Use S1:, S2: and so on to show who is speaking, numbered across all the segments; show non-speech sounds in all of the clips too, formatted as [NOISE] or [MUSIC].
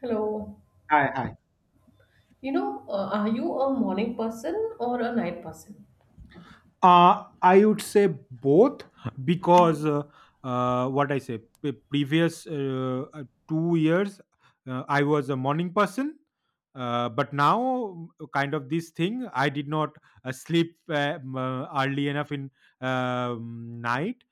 S1: Hello.
S2: Hi, hi.
S1: Are you a morning person or a night person?
S2: I would say both because what I say, previous 2 years, I was a morning person. But now, kind of this thing, I did not sleep early enough in night.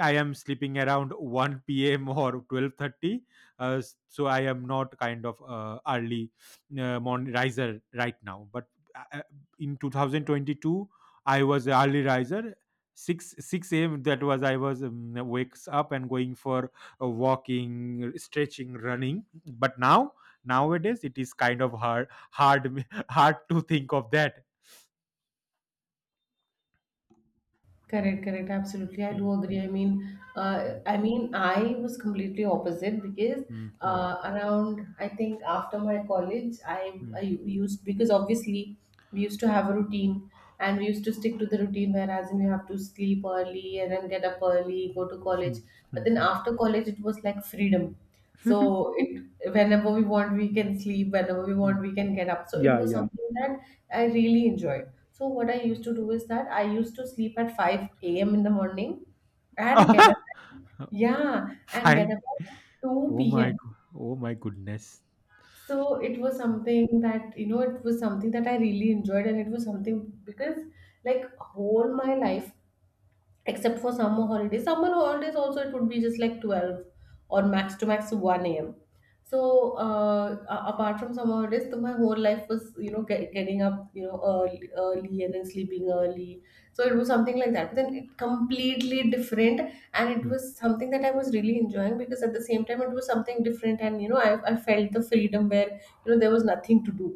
S2: I am sleeping around one p.m. or 12:30, so I am not kind of early morning riser right now. But uh, uh, in 2022 I was a early riser. 6 a.m., that was I was wakes up and going for walking, stretching, running. But now nowadays it is kind of hard [LAUGHS] hard to think of that.
S1: Correct, correct. Absolutely, I do
S2: Mm,
S1: agree.
S2: mm,
S1: I mean, I was completely opposite because
S2: mm, mm,
S1: around I think after my college, I
S2: mm,
S1: I
S2: mm,
S1: used because obviously we used to have a routine and we used to stick to the routine. Whereas in you have to sleep early and then get up early, go to college.
S2: mm,
S1: But then
S2: mm,
S1: after college, it was like freedom.
S2: mm.
S1: So it whenever we want, we
S2: Mm,
S1: can sleep. Whenever we
S2: mm.
S1: want, we can get up. So it
S2: Yeah,
S1: was
S2: yeah.
S1: something that I really enjoyed. So what I used to do is that I used to sleep at 5 a.m. in the morning and get up.
S2: [LAUGHS]
S1: Yeah, and get
S2: Five.
S1: up at
S2: Oh
S1: 2
S2: my,
S1: p.m.
S2: go- oh my goodness.
S1: So it was something that, you know, it was something that I really enjoyed and it was something because like whole my life except for summer holidays. Summer holidays also it would be just like 12 or max to max 1 a.m. So apart from summer holidays, so my whole life was you know getting up you know early, early and then sleeping early. So it was something like that. But then it completely different, and it
S2: Mm,
S1: was something that I was really enjoying because at the same time it was something different, and you know I felt the freedom where you know there was nothing to do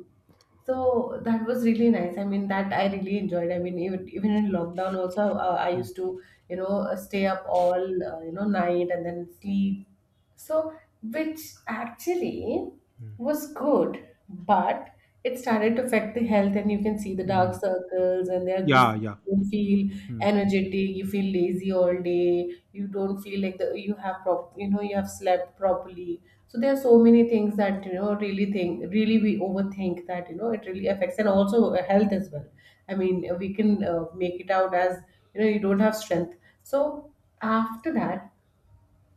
S1: so that was really nice. I mean, that I really enjoyed. I mean, even in lockdown also, I
S2: mm,
S1: used to, you know, stay up all, night and then sleep so, which actually
S2: mm,
S1: was good, but it started to affect the health, and you can see the dark
S2: mm.
S1: circles, and there this
S2: Yeah, yeah.
S1: you feel
S2: Mm.
S1: energetic, you feel lazy all day, you don't feel like the, you have you know you have slept properly. So there are so many things that you know really think really we overthink that you know it really affects and also health as well. I mean we can make it out as you know you don't have strength. So after that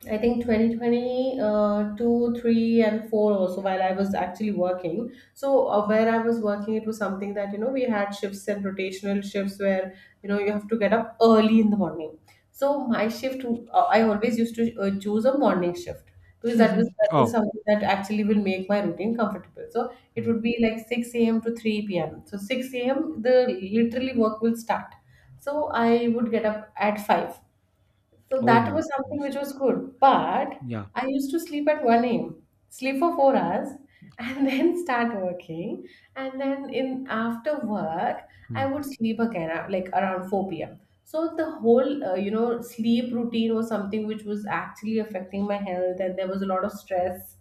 S1: I think 2020, 2, 3, and 4 also, while I was actually working. So, where I was working, it was something that, you know, we had shifts and rotational shifts where, you know, you have to get up early in the morning. So, my shift, I always used to choose a morning shift because that is
S2: Oh,
S1: something that actually will make my routine comfortable. So, it
S2: mm.
S1: would be like 6 a.m. to 3 p.m. So, 6 a.m., the literally work will start. So, I would get up at 5 so
S2: Oh
S1: that
S2: my
S1: was something
S2: goodness.
S1: which was good. But
S2: Yeah,
S1: I used to sleep at 1 a.m., sleep for 4 hours, and [LAUGHS] then start working. And then in after work, I
S2: mm.
S1: would sleep again, like around 4 p.m. So the whole, sleep routine was something which was actually affecting my health, and there was a lot of stress.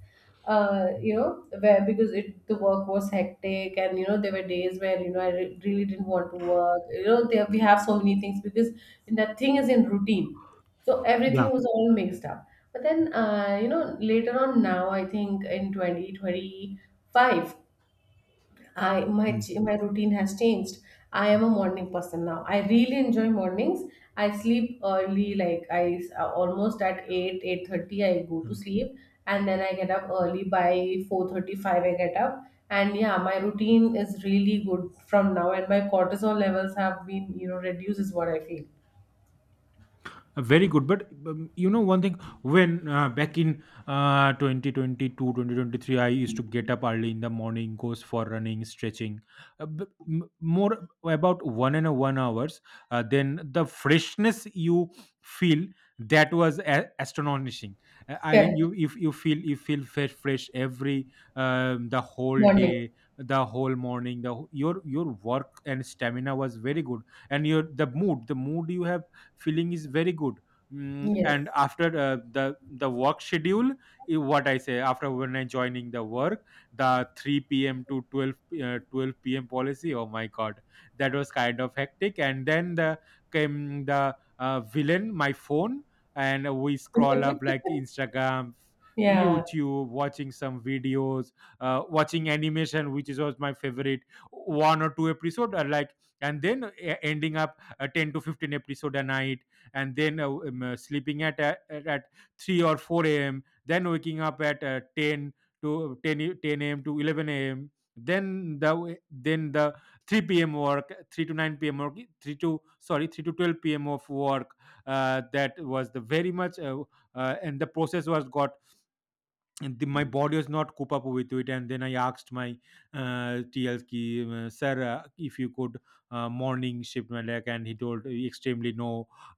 S2: Mm.
S1: You know, where because it the work was hectic, and you know there were days where you know really didn't want to work. You know, there we have so many things because that thing is in routine so
S2: Yeah.
S1: everything was all mixed up. But then, you know, later on now, I think in 2025,
S2: Mm,
S1: my routine has changed. I am a morning person now. I really enjoy mornings. I sleep early, like almost at 8, 8:30, I go to
S2: mm.
S1: sleep. And then I get up early by 4:35, I get up. And yeah, my routine is really good from now. And my cortisol levels have been, you know, reduced is what I feel.
S2: Very good. But one thing, when back in 2022, I used to get up early in the morning, goes for running, stretching, more about one and a one hours. Then the freshness you feel, that was astonishing. I think
S1: Correct.
S2: you, if you feel fresh, fresh every the whole
S1: Morning.
S2: day, the whole morning. Your work and stamina was very good, and your the mood you have feeling is very good.
S1: Yes.
S2: And after the work schedule, what I say after when I joining the work, the 3 p.m to 12, 12 p.m policy, oh my god, that was kind of hectic. And then the came the villain, my phone, and we scroll up like Instagram,
S1: Yeah.
S2: YouTube, watching some videos, watching animation which is was my favorite, one or two episode are like, and then ending up 10 to 15 episode a night. And then sleeping at, at 3 or 4 a.m, then waking up at 10 to 10 a.m to 11 a.m, then then the 3 p.m work, 3 to 9 p.m work, 3 to 12 p.m of work. That was the very much and the process was got, and my body was not cope up with it, and then I asked my tl ki, sir, if you could morning shift my leg, and he told extremely no.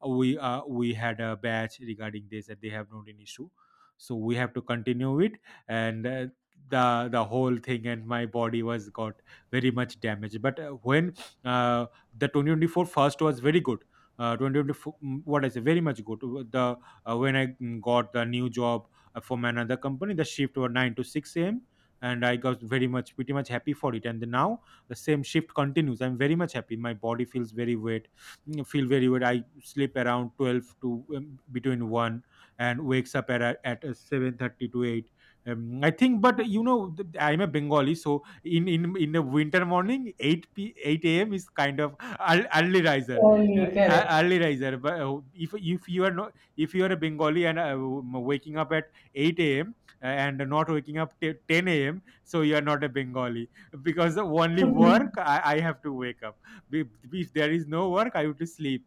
S2: We had a batch regarding this that they have not an issue, so we have to continue it, and the the whole thing, and my body was got very much damaged. But when uh, the 2024 first was very good, 2024, what I say very much good, the when I mm, got the new job from another company. The shift was 9 to 6 a.m. And I got very much, pretty much happy for it. And then now the same shift continues. I'm very much happy. My body feels very wet, feel very wet. I sleep around 12 to between 1, and wakes up at, 7:30 to 8. I think, but you know, I'm a Bengali, so in the winter morning, 8 a.m. is kind of early riser, uh,
S1: Oli, cara.
S2: early riser. But if you are not, if you are a Bengali and waking up at 8 a.m. and not waking up till 10 a.m. So you are not a Bengali because the only work,
S1: [LAUGHS]
S2: I have to wake up. If there is no work, I would sleep.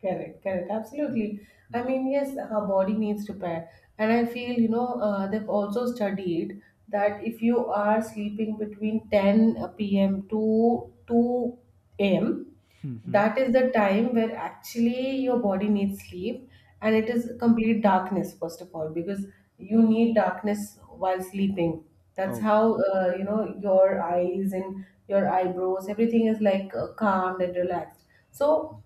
S1: Correct, correct,
S2: Mm,
S1: absolutely.
S2: mm,
S1: I
S2: mm.
S1: mean, yes, her body needs repair. And I feel, you know, they've also studied that if you are sleeping between 10 p.m. to 2 a.m.,
S2: Mm-hmm.
S1: that is the time where actually your body needs sleep and it is complete darkness, first of all, because you need darkness while sleeping. That's
S2: Oh,
S1: how, you know, your eyes and your eyebrows, everything is like calmed and relaxed. So,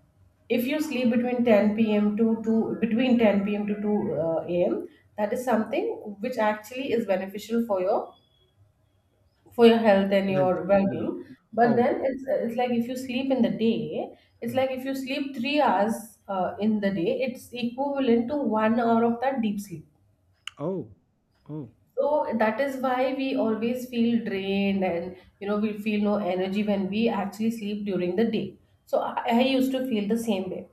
S1: if you sleep between 10 p.m. to 2 between 10 p.m. to 2 a.m. that is something which actually is beneficial for your health and your
S2: health. Yeah.
S1: well-being, but
S2: Oh.
S1: then it's like if you sleep in the day, it's
S2: Mm,
S1: like if you sleep 3 hours in the day, it's equivalent to 1 hour of that deep sleep.
S2: oh. Oh.
S1: So that is why we always feel drained and you know we feel no energy when we actually sleep during the day. So I used to feel the same way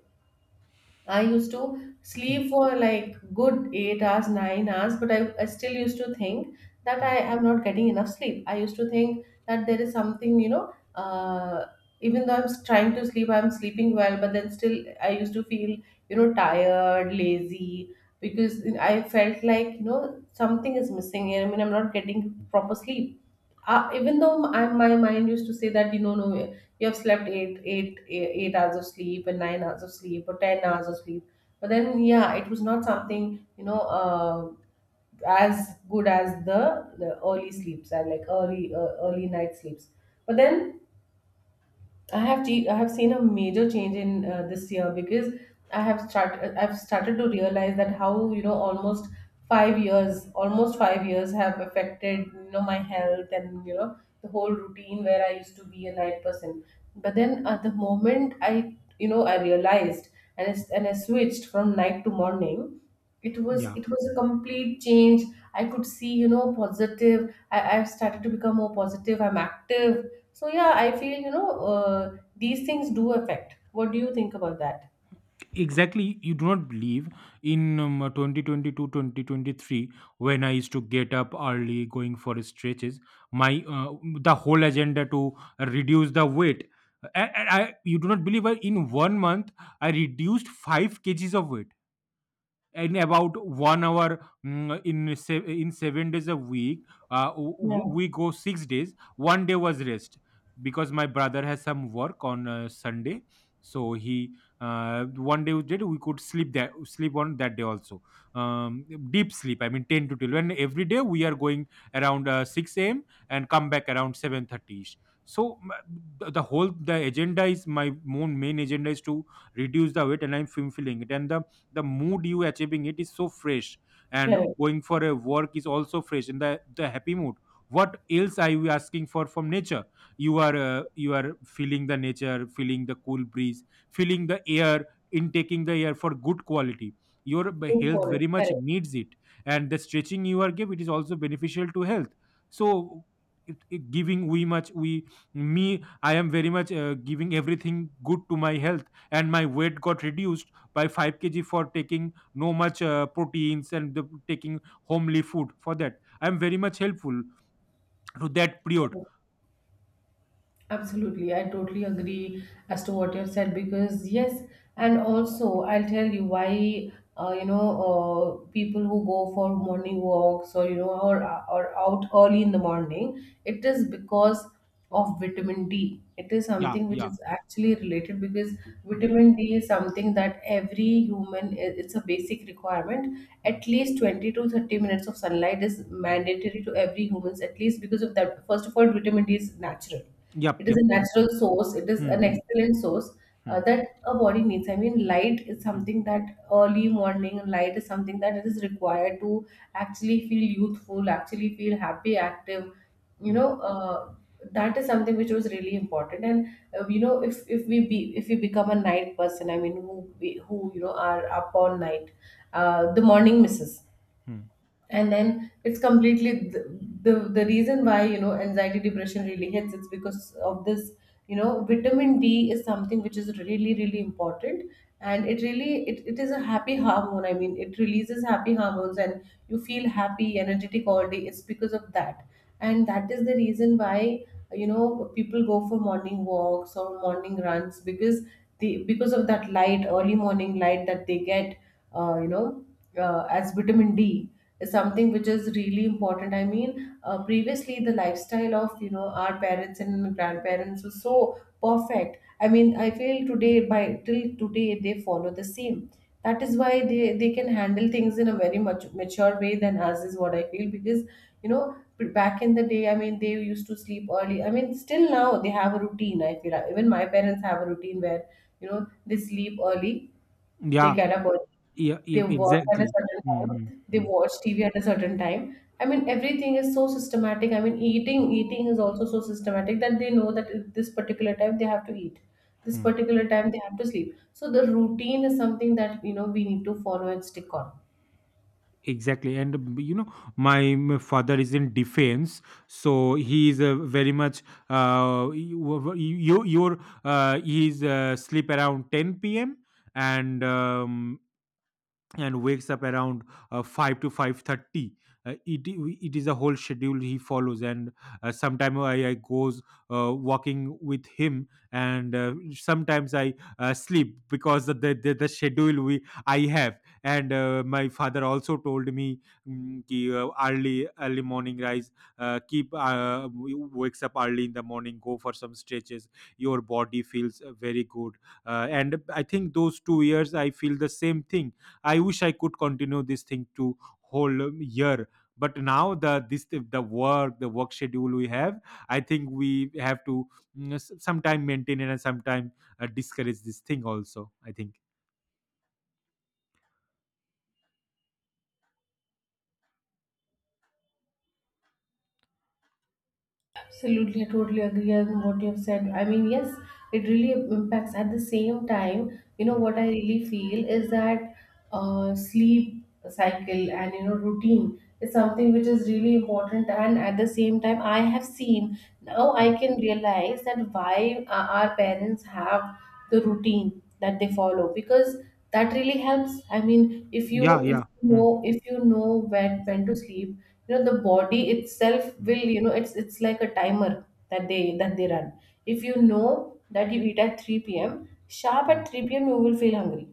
S1: I used to
S2: Mm,
S1: sleep for like good 8 hours, 9 hours, but I still used to think that I
S2: mm.
S1: am not getting enough sleep. I used to think that there is something, you know, even though trying to sleep, I'm sleeping well, but then still I used to feel, you know, tired, lazy, because I felt like, you know, something is missing. I mean, I'm not getting proper sleep even though my mind used to say that you know no you have slept 8 hours of sleep and 9 hours of sleep or 10 hours of sleep, but then yeah it was not something you know as good as the early sleeps and like early night sleeps. But then I have seen a major change in this year because I've started to realize that how you know almost 5 years have affected you know my health and you know the whole routine where I used to be a night person. But then at the moment I realized, and I switched from night to morning, it was
S2: Yeah.
S1: it was a complete change. I could see, you know, positive. I've started to become more positive. I'm active. So yeah, I feel, you know, these things do affect. What do you think about that?
S2: Exactly, you do not believe in 2022 when I used to get up early going for stretches, my the whole agenda to reduce the weight. And, and i you do not believe, I, in one month I reduced 5 kgs of weight in about one hour, in 7 days a week.
S1: Yeah,
S2: We go 6 days, one day was rest, because my brother has some work on Sunday, so he one day we did, we could sleep that sleep on that day also, um, deep sleep, I mean 10 to 12, and every day we are going around 6 a.m and come back around 7:30 ish. so m- the whole, the agenda is my main agenda is to reduce the weight, and I'm fulfilling it, and the mood you achieving it is so fresh, and
S1: correct.
S2: going for a work is also fresh in the happy mood. What else are you asking for from nature? You are feeling the nature, feeling the cool breeze, feeling the air, intaking the air for good quality, your
S1: Good
S2: health
S1: call.
S2: very much
S1: Correct.
S2: needs it. And the stretching you are give, it is also beneficial to health. So it giving we much we me, I am very much giving everything good to my health, and my weight got reduced by 5 kg for taking no much proteins, and the, taking homely food, for that I am very much helpful to that period.
S1: Absolutely, I totally agree as to what you have said because yes, and also I'll tell you why you know people who go for morning walks or you know or out early in the morning, it is because of vitamin D. It is
S2: Yeah,
S1: something which
S2: yeah.
S1: is actually related because
S2: Hmm,
S1: vitamin D is something that every human it's a basic requirement.
S2: hmm,
S1: At least 20 to 30 minutes of sunlight is
S2: hmm.
S1: mandatory to every humans at least because of that. First of all, vitamin D is natural. It
S2: Yep,
S1: is
S2: yep,
S1: a
S2: yep,
S1: natural
S2: yep.
S1: source. It is
S2: Hmm,
S1: an
S2: hmm.
S1: excellent source
S2: Hmm,
S1: that a body needs. I mean, light is
S2: hmm,
S1: something that early morning light is something that it is required to actually feel youthful, actually feel happy, active. You
S2: hmm,
S1: know, that is something which was really important. And you know, if we become a night person, I mean, who you know are up all night, the morning misses,
S2: hmm.
S1: and then it's completely the reason why you know anxiety depression really hits, it's because of this you know vitamin D is something which is really really important. And it really it is a happy hormone. I mean it releases happy hormones and you feel happy energetic all day, it's because of that. And that is the reason why you know people go for morning walks or morning runs because the because of that light, early morning light that they get you know as vitamin D is something which is really important. I mean, previously the lifestyle of you know our parents and grandparents was so perfect. I mean, I feel today by till today they follow the same. That is why they can handle things in a very much mature way than us is what I feel because you know back in the day I mean they used to sleep early I mean still now they have a routine I feel. Even my parents have a routine where you know they sleep early, they
S2: Yeah,
S1: get up early,
S2: yeah,
S1: they
S2: yeah,
S1: work at a
S2: exactly.
S1: certain
S2: Hmm, hmm.
S1: time, they
S2: Hmm,
S1: watch TV at a certain time. I mean, everything is so systematic. I mean, eating is also so systematic that they know that at this particular time they have to eat, this
S2: hmm.
S1: particular time they have to sleep. So the routine is something that you know we need to follow and stick on.
S2: Exactly, and you know, my father is in defense, so he is very much, you, you your he's sleep around 10 p.m, and um, and wakes up around 5 to 5:30. uh, it, it is a whole schedule he follows, and sometimes I goes walking with him, and sometimes I sleep because of the schedule we I have. And my father also told me, ki, early morning rise, wakes up early in the morning, go for some stretches, your body feels very good. And I think those 2 years I feel the same thing. I wish I could continue this thing to whole year, but now the work schedule we have, I think we have to sometime maintain it, and sometime discourage this thing also, I think.
S1: Absolutely, I totally agree on what you have said. I mean, yes, it really impacts. At the same time,
S2: Mm,
S1: what I really feel is that sleep cycle and, routine is something which is really important. And at the same time, I have seen now I
S2: mm.
S1: can realize that why our parents have the routine that they follow because that really helps. I mean, if
S2: Yeah,
S1: you if
S2: yeah.
S1: you
S2: Mm,
S1: know if you know when to sleep, the body itself
S2: mm,
S1: will, it's like a timer that they run. If you know that you eat at 3 p.m. sharp, at
S2: mm,
S1: 3 p.m. you will feel hungry.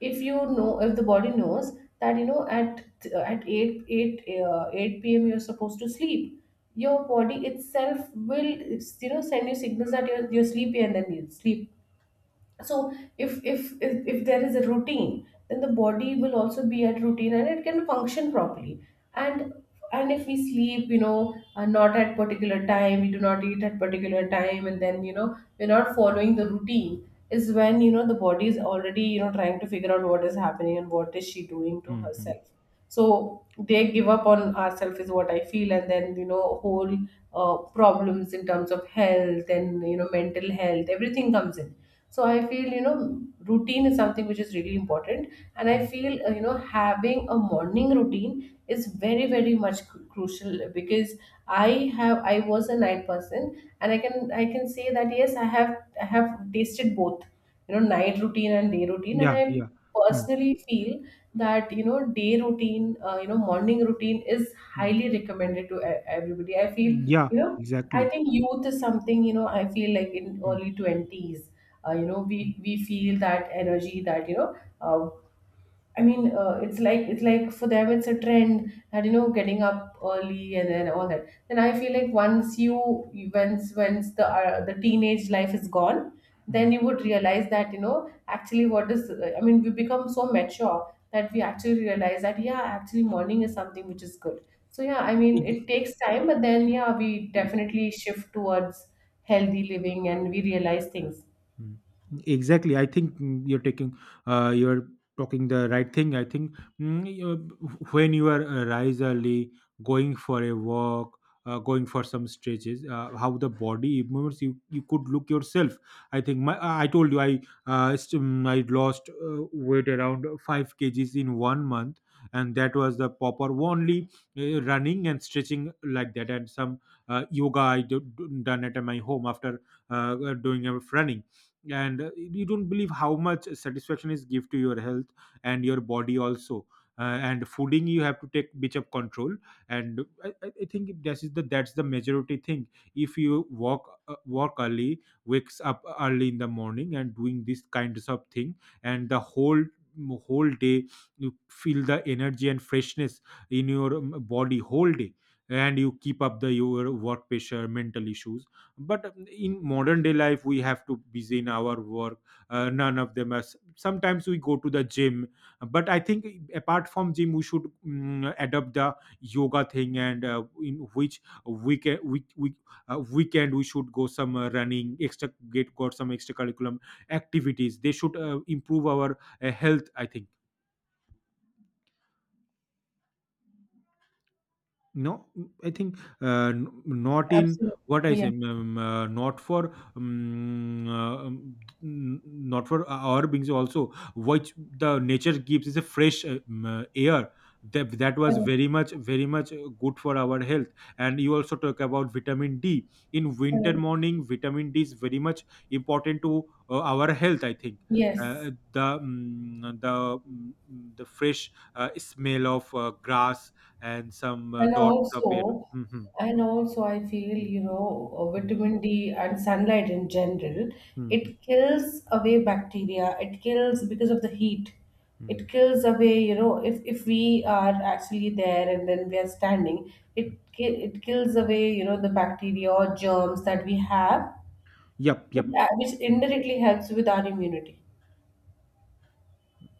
S1: If you know, if the body knows that, at 8 p.m. you're supposed to sleep, your body itself will, send you signals that you're sleepy and then you sleep. So if there is a routine, then the body will also be at routine and it can function properly. And and if we sleep, not at particular time, we do not eat at particular time, and then, we're not following the routine, is when, the body is already, trying to figure out what is happening and what is she doing to
S2: mm, mm,
S1: herself. So they give up on ourselves is what I feel, and then, whole problems in terms of health and, mental health, everything comes in. So I feel, routine is something which is really important. And I
S2: mm.
S1: feel, having a morning routine is very very much crucial because I have I was a night person, and I can say that yes, I have tasted both, night routine and day routine, and
S2: Yeah,
S1: I
S2: yeah. Mm,
S1: personally feel that, you know day routine you know morning routine is
S2: mm.
S1: highly recommended to everybody, I feel.
S2: Yeah,
S1: you know I
S2: exactly.
S1: think youth is something, I feel like in
S2: Mm,
S1: early 20s, we
S2: mm,
S1: we feel that energy that, uh, I mean, it's like for them it's a trend that, getting up early and then all that. Then I feel like once you once once the teenage life is gone, then
S2: mm.
S1: you would realize that, actually, what is I mean, we become so mature that we actually realize that yeah, actually morning is something which is good. So yeah, I mean, it takes time, but then yeah, we definitely shift towards healthy living and we realize things.
S2: Mm. Exactly. I think, you're talking the right thing. I think, mm, you- when you are rise early, going for a walk, going for some stretches, how the body moves, you could look yourself. I think my I told you, I lost weight around five kgs in one month, and that was the proper only running and stretching like that, and some yoga I do, done at my home after doing a running. And you don't believe how much satisfaction is give to your health and your body also. uh, and fooding you have to take bit of control, and I think this is the that's the majority thing. If you walk walk early, wakes up early in the morning, and doing this kinds of thing, and the whole day you feel the energy and freshness in your body whole day, and you keep up the your work pressure mental issues. But in modern day life we have to busy in our work, none of them us, sometimes we go to the gym. But I think, apart from gym, we should adopt the yoga thing, and in which weekend weekend we should go some running extra, get got some extracurriculum activities, they should improve our health, I think. No, I think, not in
S1: Absolutely.
S2: what I
S1: Yeah.
S2: say, not for not for our beings also. What the nature gives is a fresh air. That was
S1: Correct.
S2: very much very much good for our health, and you also talk about vitamin D. In winter
S1: Correct.
S2: morning vitamin D is very much important to our health, I think.
S1: Yes.
S2: uh, the mm, the mm, the fresh smell of grass and some
S1: And
S2: dots of it.
S1: also,
S2: Mhm.
S1: I feel,
S2: Hmm. Hmm.
S1: vitamin D and sunlight in general,
S2: Mhm.
S1: it kills away bacteria. It kills because of the heat.
S2: Mm,
S1: It kills away, if we are actually there and then we are standing,
S2: mm.
S1: it it kills away, the bacteria or germs that we have,
S2: Yep,
S1: but,
S2: yep.
S1: which indirectly helps with our immunity.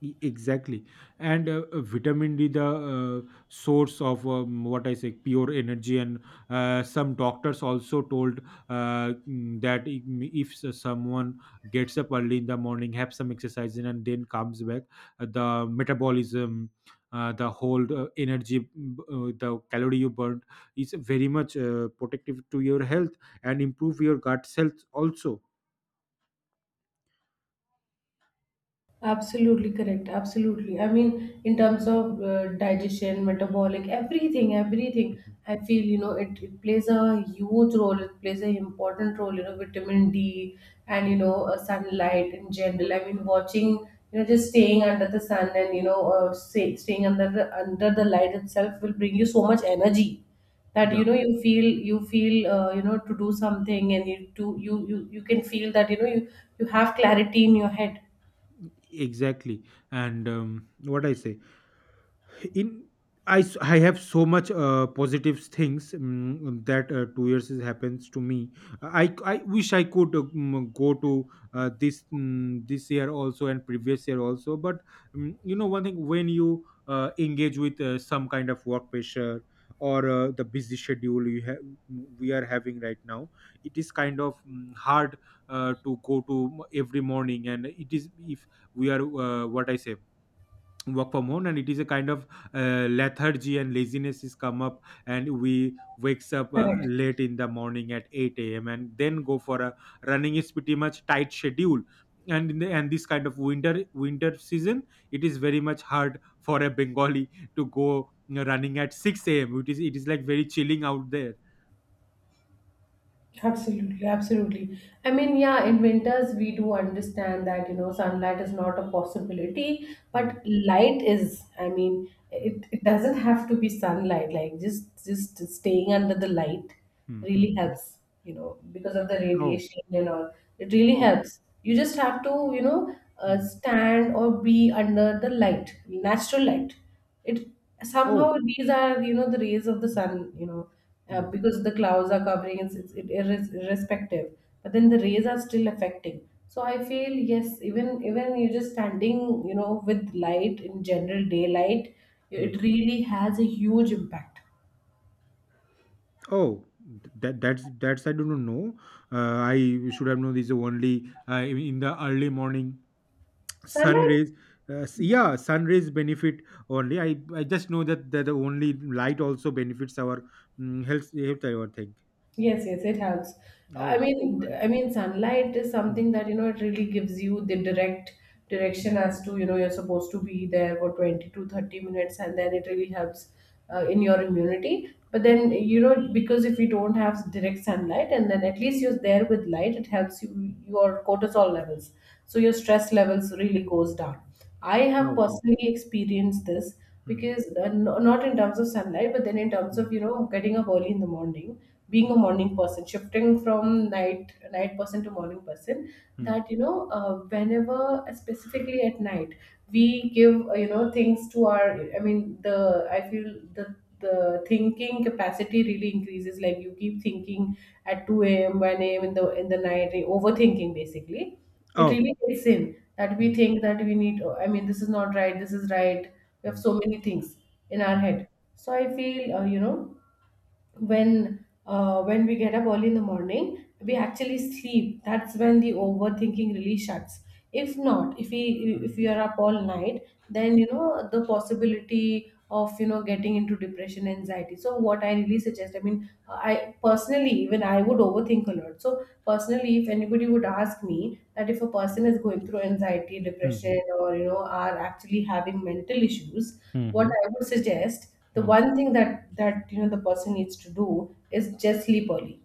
S2: Exactly, and vitamin D, the uh, source of what I say, pure energy, and some doctors also told that if s- someone gets up early in the morning, have some exercise, and then comes back, the metabolism, the whole energy, the calorie you burned is very much protective to your health, and improve your gut health also.
S1: Absolutely correct. Absolutely. I mean, in terms of digestion, metabolic, everything, everything.
S2: Mhm.
S1: I feel, it plays a huge role. It plays an important role. Vitamin D and,
S2: Mhm.
S1: sunlight in general. I mean, watching, just staying under the sun and, staying under the light itself will bring you so much energy, that,
S2: Yeah,
S1: you feel to do something, and you can feel that, you you have clarity in your head.
S2: exactly. And what I say, in I have so much positive things, that 2 years is happens to me. I wish I could, go to this, this year also, and previous year also. But you know, one thing, when you engage with some kind of work pressure, or the busy schedule you have, we are having right now, it is kind of hard to go to every morning. And it is, if we are, what I say, work from home, and it is a kind of lethargy and laziness is come up, and we wakes up
S1: Correct.
S2: late in the morning at 8 a.m. and then go for a running is pretty much tight schedule. And this kind of winter season, it is very much hard for a Bengali to go, you know, running at 6 a.m. It is like very chilling out there.
S1: Absolutely, absolutely. I mean, yeah, in winters we do understand that, sunlight is not a possibility,
S2: Hmm,
S1: but light is. I mean,
S2: hmm,
S1: it doesn't have to be sunlight, like just staying under the light
S2: hmm, hmm,
S1: really
S2: hmm.
S1: helps, because of the
S2: Oh,
S1: radiation and all. It really
S2: oh.
S1: helps. You just have to,
S2: Hmm.
S1: stand or be under the light, natural light. It
S2: Oh.
S1: somehow, these are, the rays of the
S2: Hmm,
S1: sun,
S2: hmm,
S1: because the clouds are covering, it's irrespective. But then the rays are still affecting. So I feel, yes, even you're just standing, with light in general, daylight,
S2: hmm.
S1: it really has a huge impact.
S2: Oh, that's I don't know. I should have known this only in the early morning sun
S1: Sunlight.
S2: rays. Yeah, sun rays benefit only. I just know that, the only light also benefits our health. Health, I would think.
S1: Yes, yes, it helps. I
S2: Oh.
S1: mean,
S2: I,
S1: I mean, sunlight is
S2: mm,
S1: something that, it really gives you the direct direction
S2: mm.
S1: as to, you're supposed to be there for 20 to 30 minutes, and then it really helps in your immunity. But then, because if you don't have direct sunlight, and then at least you're there with light, it helps you your cortisol levels, so your stress levels really goes down. I have
S2: Oh, oh.
S1: personally experienced this,
S2: Mm,
S1: because not in terms of sunlight, but then in terms of,
S2: mm,
S1: getting up early in the morning, being a morning person, shifting from night person to morning person.
S2: mm.
S1: That, whenever, specifically at night, we give, things to our. I mean, the I feel the thinking capacity really increases. Like you keep thinking at 2 a.m., 1 a.m. in the night, overthinking basically, it
S2: Oh.
S1: really gets in that we
S2: Mm,
S1: think that we need oh, I mean, this is not right, this is right. We have
S2: mm,
S1: so many things in our head, so I feel, when when we get up early in the morning, we actually sleep. That's when the overthinking really shuts. If not, if we if
S2: mm,
S1: we are up all night, then, the possibility of, getting into depression, anxiety. So what I really suggest, I mean, I personally, even I would overthink a lot. So personally, if anybody would ask me that if a person is going through anxiety,
S2: mm,
S1: depression,
S2: mm,
S1: or, are actually having mental issues,
S2: mm, mm,
S1: what
S2: mm,
S1: I would suggest, the
S2: mm,
S1: one thing that that the person needs to do is just sleep early.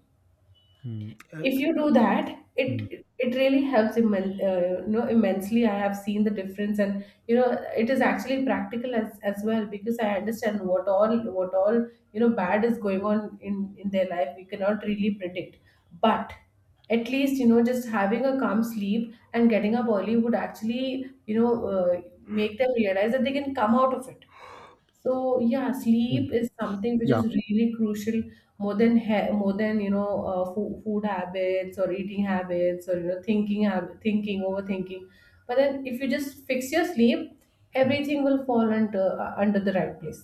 S2: mm,
S1: If you do that,
S2: mm,
S1: it really helps, immensely. I have seen the difference, and, it is actually practical as well, because I understand what all bad is going on in their life. We cannot really predict, but at least, just having a calm sleep and getting up early would actually, make them realize that they can come out of it. So yeah,
S2: mm.
S1: sleep is something which
S2: Yeah.
S1: is really crucial, more than more than, food habits, or eating habits, or, thinking overthinking. But then if you just fix your sleep,
S2: Hmm.
S1: everything will fall under the right place.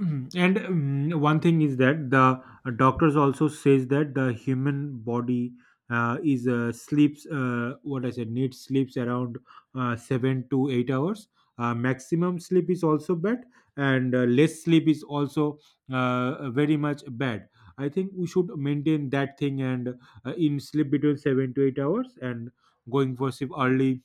S2: Mm. And one thing is that the doctors also says that the human body is sleeps what I said needs sleeps around 7 to 8 hours. Maximum sleep is also bad, and less sleep is also very much bad. I think we should maintain that thing and in sleep between 7 to 8 hours, and going for sleep early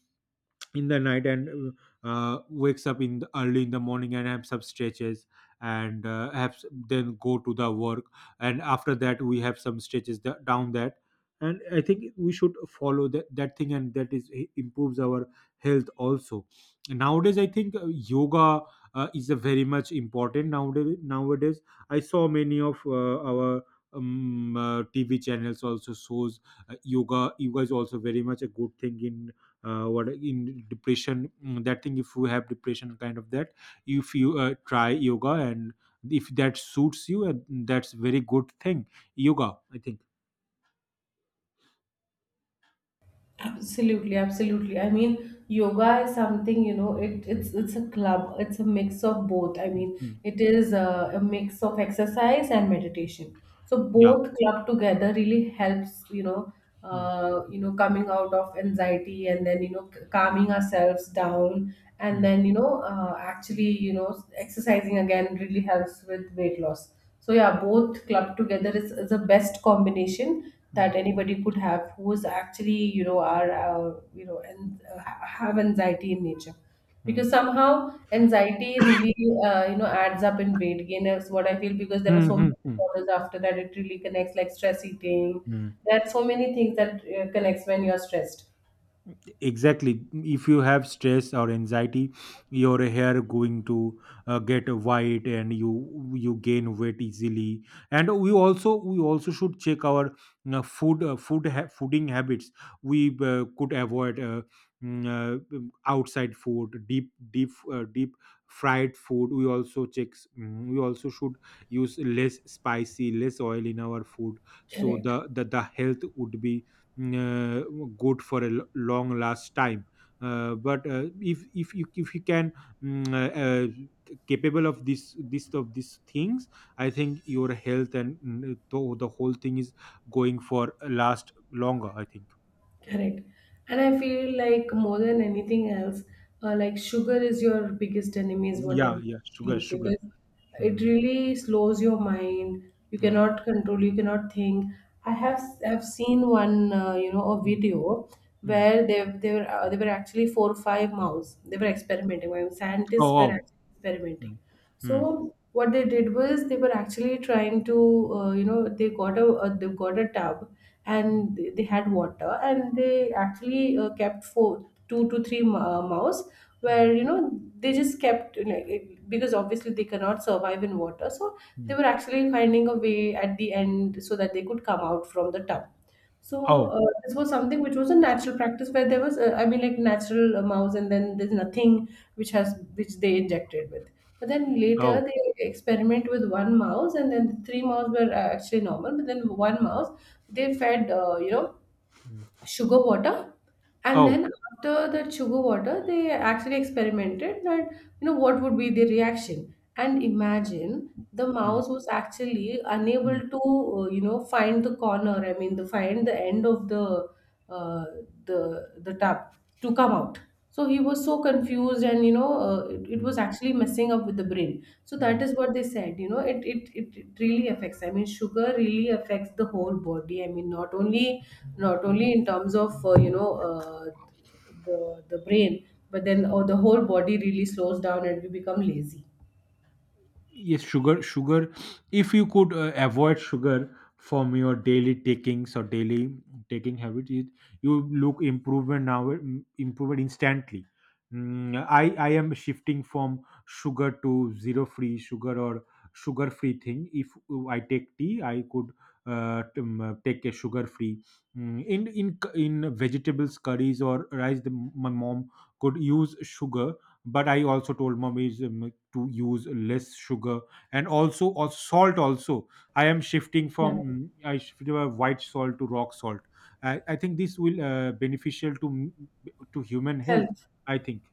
S2: in the night, and wakes up in the, early in the morning and have some stretches and then go to the work, and after that we have some stretches down that. And I think we should follow that thing, and that is improves our health also. Nowadays I think yoga is a very much important. Nowadays, I saw many of our TV channels also shows yoga. Yoga is also very much a good thing in, what, in depression, that thing. If you have depression kind of that, if you try yoga, and if that suits you, that's very good thing, yoga, I think.
S1: Absolutely, absolutely. I mean, yoga is something, it's a club. It's a mix of both. I mean,
S2: Mm,
S1: it is a mix of exercise and meditation. So
S2: yeah.
S1: both club together really helps,
S2: Mm,
S1: coming out of anxiety, and then, calming ourselves down, and
S2: mm,
S1: then, actually, exercising again really helps with weight loss. So yeah, both club together is the best combination
S2: mm,
S1: that anybody could have, who is actually, are, and, have anxiety in nature,
S2: mm.
S1: because somehow anxiety really, adds up in weight gain, is what I feel, because there are
S2: Mm,
S1: so many
S2: mm, mm,
S1: disorders after that, it really connects, like stress eating.
S2: mm.
S1: There are so many things that connects when you're stressed.
S2: Exactly. If you have stress or anxiety, your hair going to get white, and you gain weight easily. And we also should check our, you know, food, fooding habits. We could avoid, outside food, deep fried food. We also checks, we also should use less spicy, less oil in our food, so
S1: Correct.
S2: the health would be uh, good for a long last time. But if you can, mm, uh, uh, capable of this this of these things, I think your health, and the whole thing, is going for last longer, I think.
S1: Correct. And I feel like more than anything else, like sugar is your biggest enemy, is what
S2: Yeah,
S1: I
S2: yeah,
S1: think,
S2: sugar.
S1: because it
S2: Hmm.
S1: really slows your mind. You
S2: Uh,
S1: cannot control, you cannot think. I have seen one, a
S2: mm,
S1: video
S2: mm.
S1: where they were actually four or five mouse. They were experimenting. When scientists
S2: Oh,
S1: were
S2: oh.
S1: actually experimenting.
S2: Mm, mm,
S1: So what they did was they were actually trying to, they got a tub,
S2: mm,
S1: and they had water, and they actually kept four two to three mouse, where,
S2: mm,
S1: they just kept, because obviously they cannot survive in water, so they
S2: mm.
S1: were actually finding a way at the end so that they could come out from the tub. So
S2: Oh,
S1: this was something which was a natural practice, where there was, I mean, like natural mouse, and then there's nothing which they injected with. But then later
S2: oh.
S1: they experiment with one mouse, and then the three mouse were, actually normal, but then one mouse they fed,
S2: Mm.
S1: sugar water. And
S2: Oh.
S1: then after that sugar water, they actually experimented that, what would be the reaction, and imagine, the
S2: Mm,
S1: mouse was actually unable
S2: mm,
S1: to, find the corner, I mean, the find the end of uh, the tub, to come out. So he was so confused, and, it was
S2: mm,
S1: actually messing up with the brain. So that
S2: mm.
S1: is what they said, it really affects. I mean, sugar really affects the whole body. I mean, not only in terms of, the brain, but then, oh, the whole body really slows down and we become lazy.
S2: Yes, sugar, if you could avoid sugar from your daily takings, or daily taking habit, it, you look improvement now, improvement instantly. Mm. I am shifting from sugar to zero free sugar, or sugar free thing. If I take tea, I could take a sugar free. Mm. In vegetables curries or rice, the, my mom could use sugar, but I also told mom is, to use less sugar, and also or salt also. I am shifting from
S1: Correct.
S2: mm, I shifted white salt to rock salt. I think this will beneficial to to human health,
S1: Health.
S2: I think.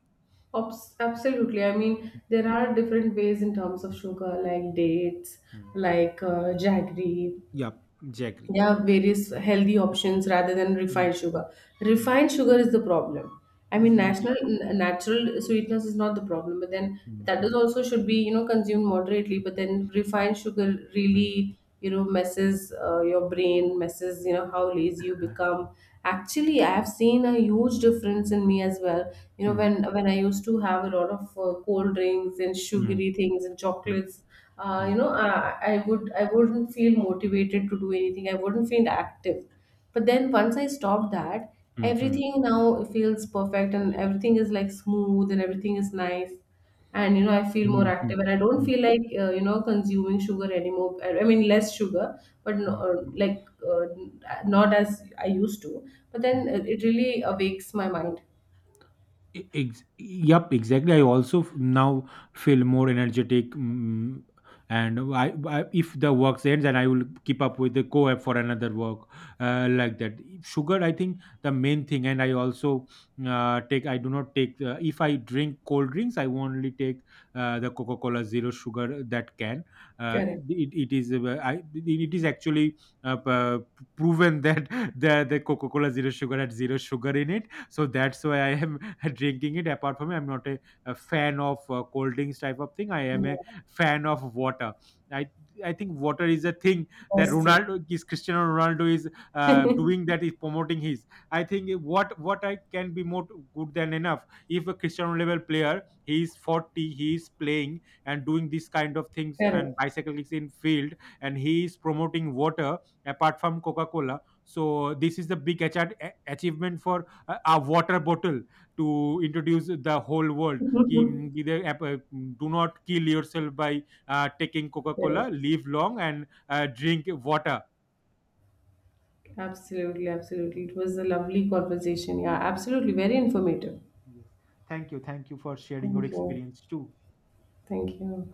S1: Absolutely. I mean, there are different ways in terms of sugar, like dates,
S2: Mm.
S1: like jaggery.
S2: Yeah, exactly.
S1: There are various healthy options rather than
S2: Mm.
S1: refined sugar.
S2: Mm.
S1: Refined sugar is the problem. I mean,
S2: Mm, yeah.
S1: natural sweetness is not the problem, but then
S2: Mm,
S1: that is
S2: mm,
S1: also should be, consumed moderately. But then refined sugar really, messes your brain, messes, how lazy you become. Actually, I have seen a huge difference in me as well.
S2: mm,
S1: When I used to have a lot of cold drinks and
S2: mm, mm,
S1: sugary things and
S2: mm,
S1: chocolates, uh, you
S2: mm,
S1: know I, I wouldn't feel motivated to do anything, I wouldn't feel active. But then once I stopped that,
S2: mm,
S1: everything now feels perfect, and everything is like smooth, and everything is nice. And, I feel
S2: mm,
S1: more
S2: mm, mm,
S1: active, and I
S2: mm,
S1: don't
S2: mm.
S1: feel like, consuming sugar anymore, I mean less sugar. But no,
S2: Mm.
S1: like, uh, not as I used to. But then it really awakes my mind.
S2: Yup, exactly. I also now feel more energetic, and I if the work ends, and I will keep up with the co-op for another work, like that. Sugar, I think, the main thing. And I also take. I do not take. If I drink cold drinks, I only take the Coca Cola Zero Sugar, that can. Uh,
S1: Correct.
S2: it is actually uh, p- proven that [LAUGHS] the Coca Cola Zero Sugar had zero sugar in it [LAUGHS] so that's why I am [LAUGHS] drinking it. Apart from it, I'm not a, fan of cold drinks type of thing. I am a
S1: Yeah,
S2: fan of water. I i think water is a thing that
S1: best thing.
S2: ronaldo is Cristiano Ronaldo is
S1: [LAUGHS]
S2: doing, that is promoting his. I think, what I can be more good than enough, if a Cristiano level player, he is 40, he is playing and doing these kind of things and
S1: Correct.
S2: bicycles in field, and he is promoting water apart from Coca-Cola, so this is the big achievement for a water bottle to introduce the whole world, ki,
S1: [LAUGHS]
S2: the do not kill yourself by taking Coca Cola.
S1: Correct.
S2: Live long and drink water.
S1: Absolutely, absolutely. It
S2: Mm.
S1: was a lovely conversation. Yeah, absolutely. Very informative.
S2: Yes. Thank you. Thank you for sharing your
S1: Thank you.
S2: experience too.
S1: Thank you.